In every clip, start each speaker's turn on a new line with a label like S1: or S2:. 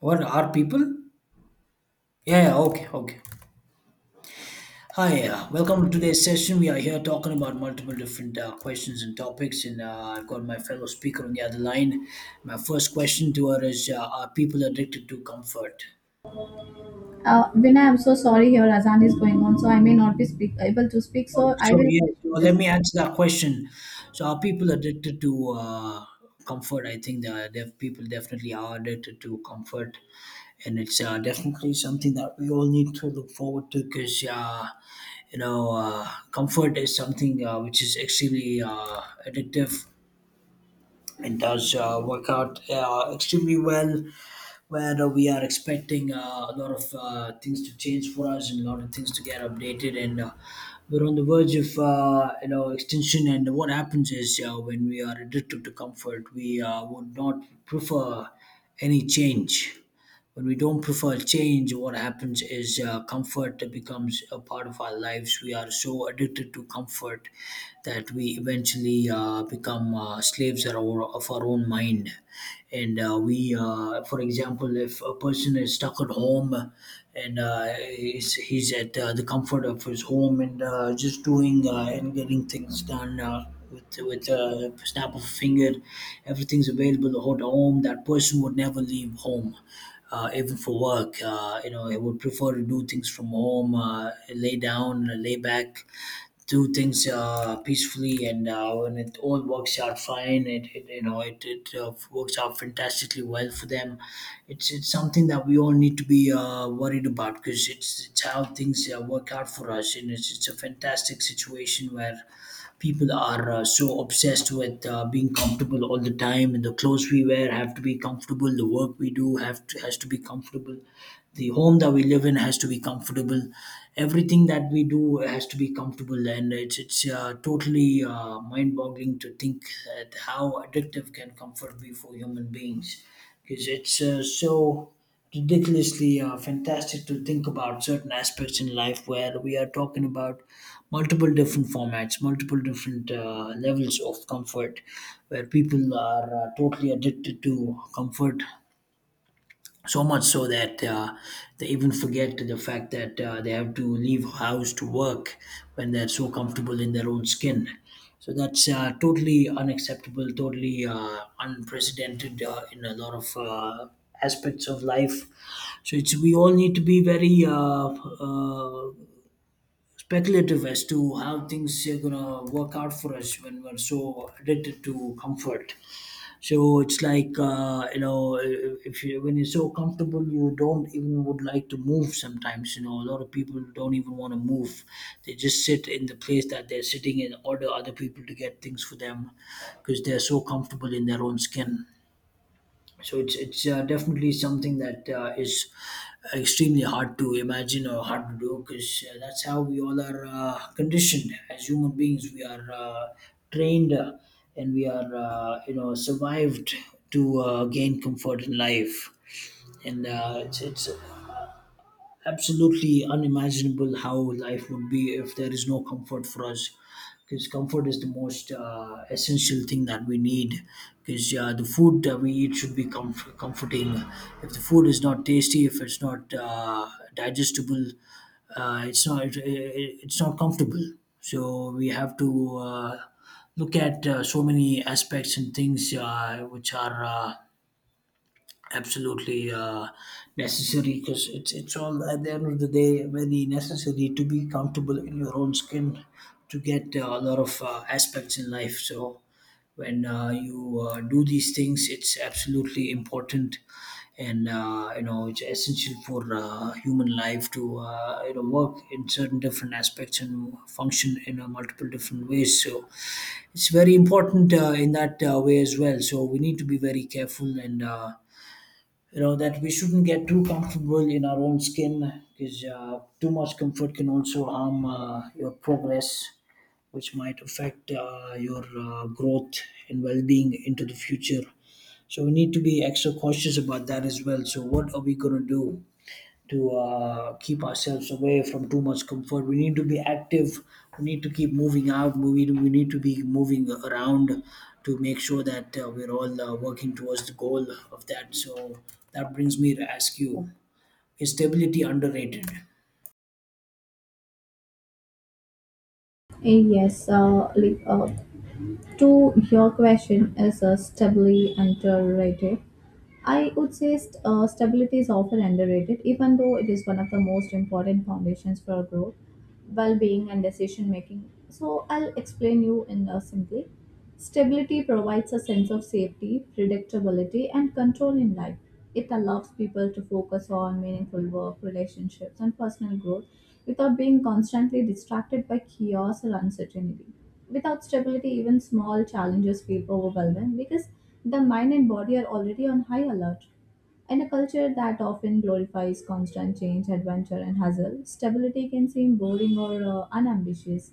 S1: What are people? Yeah, yeah, okay, okay. Hi, welcome to today's session. We are here talking about multiple different questions and topics, and I've got my fellow speaker on the other line. My first question to her is are people addicted to comfort?
S2: Vinay, I'm so sorry. Your Azan is going on, so I may not be able to speak.
S1: Oh,
S2: So I
S1: sure.
S2: will
S1: Yeah. So
S2: question
S1: let
S2: this.
S1: me answer that question. So are people addicted to comfort? I think people definitely are addicted to comfort, and it's definitely something that we all need to look forward to because you know uh, comfort is something which is extremely addictive. It does work out extremely well where we are expecting a lot of things to change for us and a lot of things to get updated, and we're on the verge of extension. And what happens is, when we are addicted to comfort, we would not prefer any change. When we don't prefer change, what happens is comfort becomes a part of our lives. We are so addicted to comfort that we eventually become slaves of of our own mind. And we, for example, if a person is stuck at home and he's at the comfort of his home and just doing and getting things done. With a snap of a finger, everything's available at home. That person would never leave home, even for work. They would prefer to do things from home, lay down, lay back, do things peacefully, and when it all works out fine, it you know it, it works out fantastically well for them. It's something that we all need to be worried about because it's how things work out for us, and it's a fantastic situation where people are so obsessed with being comfortable all the time. And the clothes we wear have to be comfortable, the work we do have to, has to be comfortable, the home that we live in has to be comfortable, everything that we do has to be comfortable. And it's totally mind boggling to think that how addictive can comfort be for human beings, because it's so ridiculously fantastic to think about certain aspects in life where we are talking about multiple different formats, multiple different levels of comfort, where people are totally addicted to comfort so much so that they even forget the fact that they have to leave house to work when they're so comfortable in their own skin. So that's totally unacceptable, totally unprecedented in a lot of aspects of life. So it's we all need to be very speculative as to how things are gonna work out for us when we're so addicted to comfort. So it's like if you when you're so comfortable, you don't even would like to move. Sometimes you know, a lot of people don't even want to move. They just sit in the place that they're sitting in, order other people to get things for them because they're so comfortable in their own skin. So it's definitely something that is extremely hard to imagine or hard to do, because that's how we all are conditioned. As human beings, we are trained and we are survived to gain comfort in life. And it's absolutely unimaginable how life would be if there is no comfort for us, because comfort is the most essential thing that we need. Because the food that we eat should be comforting. If the food is not tasty, if it's not digestible, it's not it's not comfortable. So we have to look at so many aspects and things which are absolutely necessary, because it's all at the end of the day very necessary to be comfortable in your own skin, to get a lot of aspects in life. So when you do these things, it's absolutely important. And it's essential for human life to work in certain different aspects and function in multiple different ways. So it's very important in that way as well. So we need to be very careful and that we shouldn't get too comfortable in our own skin, because too much comfort can also harm your progress, which might affect your growth and well-being into the future. So we need to be extra cautious about that as well. So what are we going to do to keep ourselves away from too much comfort? We need to be active. We need to keep moving out. We need to be moving around to make sure that we're all working towards the goal of that. So that brings me to ask you: Is stability underrated?
S2: Yes, to your question is stably underrated. I would say stability is often underrated, even though it is one of the most important foundations for growth, well-being, and decision-making. So I'll explain you in simply. Stability provides a sense of safety, predictability, and control in life. It allows people to focus on meaningful work, relationships, and personal growth without being constantly distracted by chaos or uncertainty. Without stability, even small challenges feel overwhelming because the mind and body are already on high alert. In a culture that often glorifies constant change, adventure, and hustle, stability can seem boring or unambitious.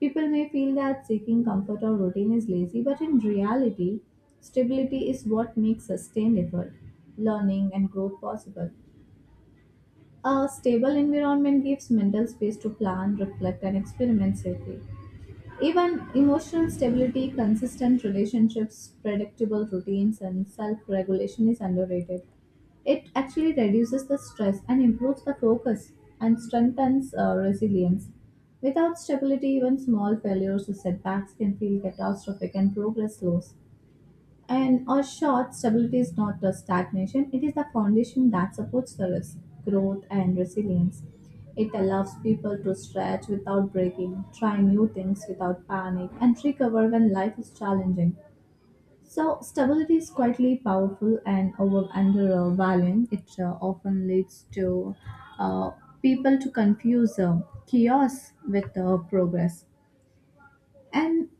S2: People may feel that seeking comfort or routine is lazy, but in reality, stability is what makes sustained effort, learning, and growth possible. A stable environment gives mental space to plan, reflect, and experiment safely. Even emotional stability, consistent relationships, predictable routines, and self regulation is underrated. It actually reduces the stress and improves the focus and strengthens resilience. Without stability, even small failures or setbacks can feel catastrophic and progress slows. And or short, stability is not a stagnation, it is the foundation that supports the risk, growth, and resilience. It allows people to stretch without breaking, try new things without panic, and recover when life is challenging. So, stability is quietly powerful and over undervaluing. It often leads to uh, people to confuse chaos with progress. And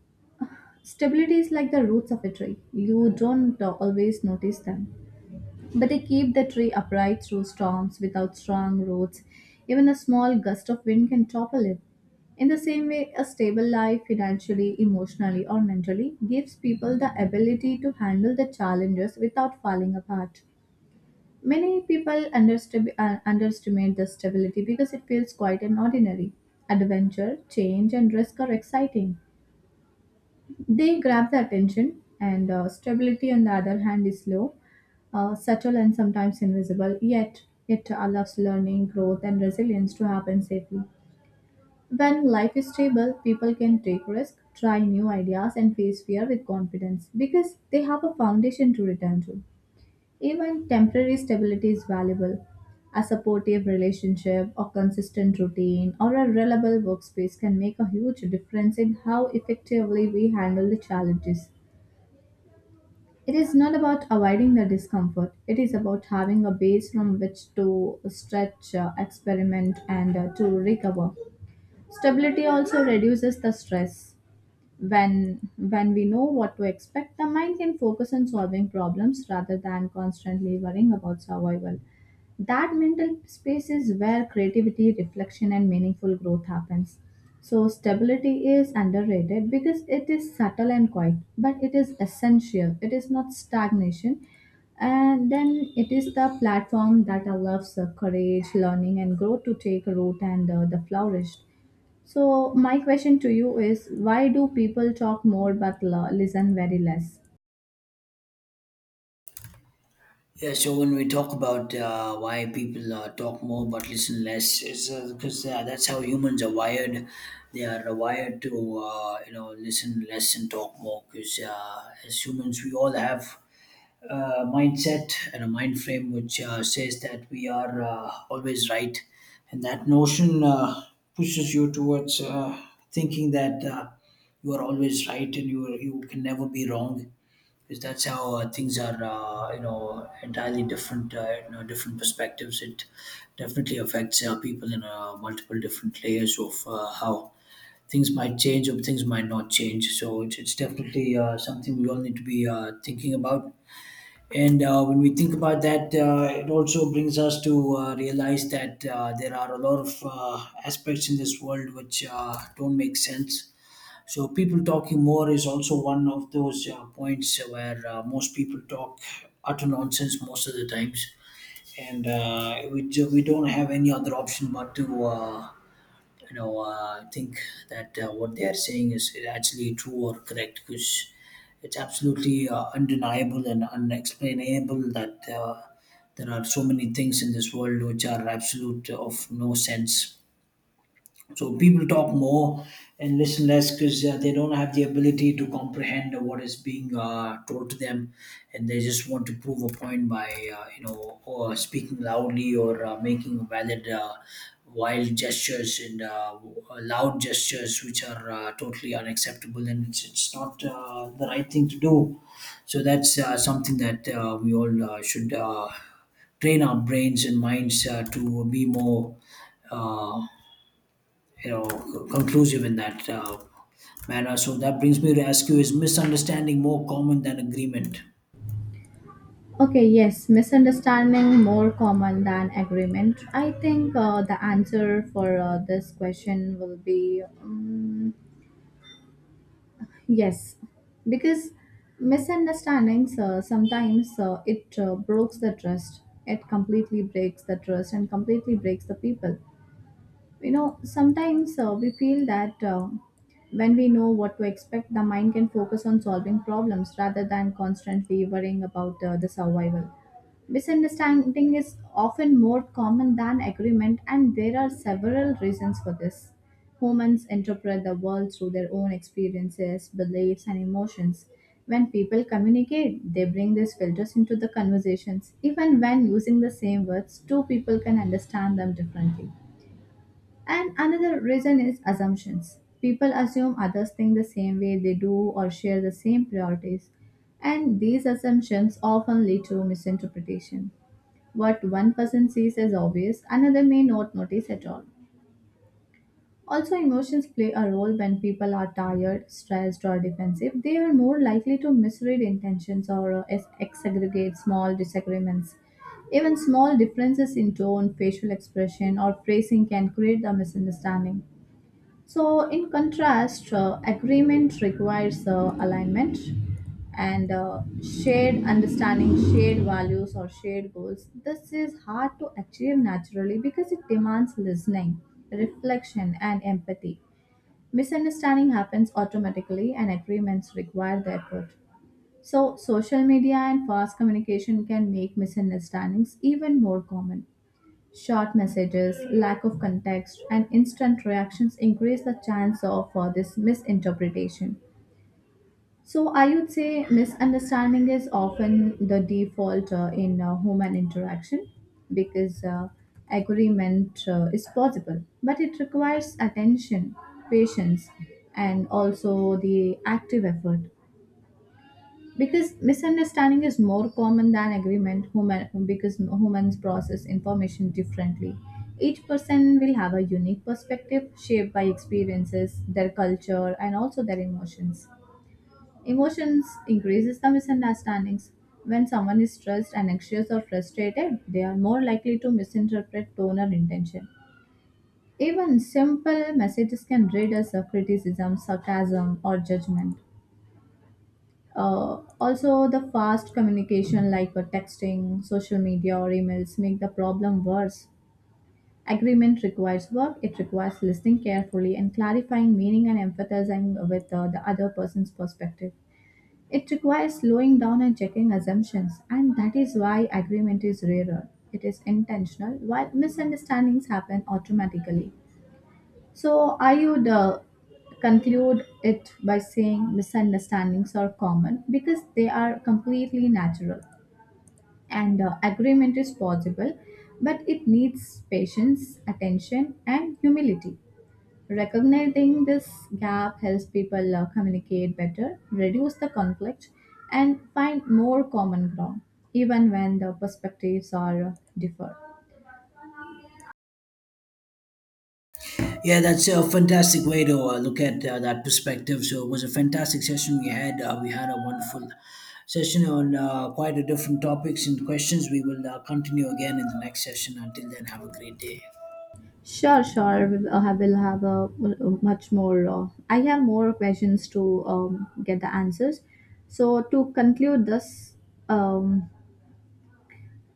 S2: stability is like the roots of a tree. You don't always notice them, but they keep the tree upright through storms. Without strong roots, even a small gust of wind can topple it. In the same way, a stable life, financially, emotionally, or mentally, gives people the ability to handle the challenges without falling apart. Many people underestimate the stability because it feels quite an ordinary. Adventure, change, and risk are exciting. They grab the attention, and stability, on the other hand, is slow, subtle and sometimes invisible, yet it allows learning, growth, and resilience to happen safely. When life is stable, people can take risks, try new ideas, and face fear with confidence because they have a foundation to return to. Even temporary stability is valuable. A supportive relationship, a consistent routine, or a reliable workspace can make a huge difference in how effectively we handle the challenges. It is not about avoiding the discomfort, it is about having a base from which to stretch, experiment, and to recover. Stability also reduces the stress. When we know what to expect, the mind can focus on solving problems rather than constantly worrying about survival. That mental space is where creativity, reflection, and meaningful growth happens. So stability is underrated because it is subtle and quiet, but it is essential. It is not stagnation, and then it is the platform that allows courage, learning, and growth to take root and the flourish. So, my question to you is, why do people talk more but listen very less?
S1: Yeah, so when we talk about why people talk more but listen less, it's because that's how humans are wired. They are wired to listen less and talk more. Because as humans, we all have mindset and a mind frame which says that we are always right, and that notion pushes you towards thinking that you are always right and you can never be wrong, because that's how things are, entirely different, different perspectives. It definitely affects people in multiple different layers of how things might change or things might not change. So it's definitely something we all need to be thinking about. And when we think about that, it also brings us to realize that there are a lot of aspects in this world which don't make sense. So people talking more is also one of those points where most people talk utter nonsense most of the times, and we don't have any other option but to think that what they are saying is actually true or correct, because it's absolutely undeniable and unexplainable that there are so many things in this world which are absolute of no sense. So people talk more and listen less because they don't have the ability to comprehend what is being told to them, and they just want to prove a point by or speaking loudly or making valid. Wild gestures and loud gestures which are totally unacceptable, and it's not the right thing to do. So that's something that we all should train our brains and minds to be more uh, conclusive in that manner. So that brings me to ask you: Is misunderstanding more common than agreement?
S2: Okay, yes, misunderstanding more common than agreement. I think the answer for this question will be yes, because misunderstandings sometimes it breaks the trust. It completely breaks the trust and completely breaks the people. You know, sometimes we feel that when we know what to expect, the mind can focus on solving problems rather than constantly worrying about the survival. Misunderstanding is often more common than agreement, and there are several reasons for this. Humans interpret the world through their own experiences, beliefs, and emotions. When people communicate, they bring these filters into the conversations. Even when using the same words, two people can understand them differently. And another reason is assumptions. People assume others think the same way they do or share the same priorities. And these assumptions often lead to misinterpretation. What one person sees as obvious, another may not notice at all. Also, emotions play a role. When people are tired, stressed, or defensive, they are more likely to misread intentions or exaggerate small disagreements. Even small differences in tone, facial expression, or phrasing can create a misunderstanding. So, in contrast, agreement requires alignment and shared understanding, shared values, or shared goals. This is hard to achieve naturally because it demands listening, reflection, and empathy. Misunderstanding happens automatically, and agreements require the effort. So, social media and fast communication can make misunderstandings even more common. Short messages, lack of context, and instant reactions increase the chance of this misinterpretation. So, I would say misunderstanding is often the default in human interaction because agreement is possible, but it requires attention, patience, and also the active effort. Because misunderstanding is more common than agreement human, because humans process information differently. Each person will have a unique perspective shaped by experiences, their culture, and also their emotions. Emotions increases the misunderstandings. When someone is stressed and anxious or frustrated, they are more likely to misinterpret tone or intention. Even simple messages can read as a criticism, sarcasm, or judgment. Also, the fast communication like texting, social media, or emails make the problem worse. Agreement requires work. It requires listening carefully and clarifying meaning and empathizing with the other person's perspective. It requires slowing down and checking assumptions, and that is why agreement is rarer. It is intentional, while misunderstandings happen automatically. So I would conclude it by saying misunderstandings are common because they are completely natural, and agreement is possible, but it needs patience, attention, and humility. Recognizing this gap helps people communicate better, reduce the conflict, and find more common ground, even when the perspectives are differ.
S1: Yeah, that's a fantastic way to look at that perspective. So it was a fantastic session we had. We had a wonderful session on quite a different topics and questions. We will continue again in the next session. Until then, have a great day.
S2: Sure, sure. We will will have a much more. I have more questions to get the answers. So to conclude this, um,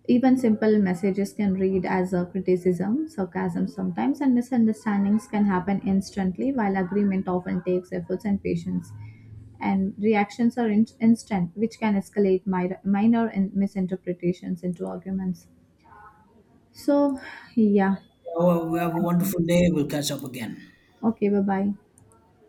S2: even simple messages can read as a criticism, sarcasm sometimes, and misunderstandings can happen instantly. While agreement often takes efforts and patience, and reactions are instant, which can escalate minor misinterpretations into arguments. So yeah.
S1: Oh, we have a
S2: I think—
S1: wonderful day. We'll catch up again.
S2: Okay. Bye bye.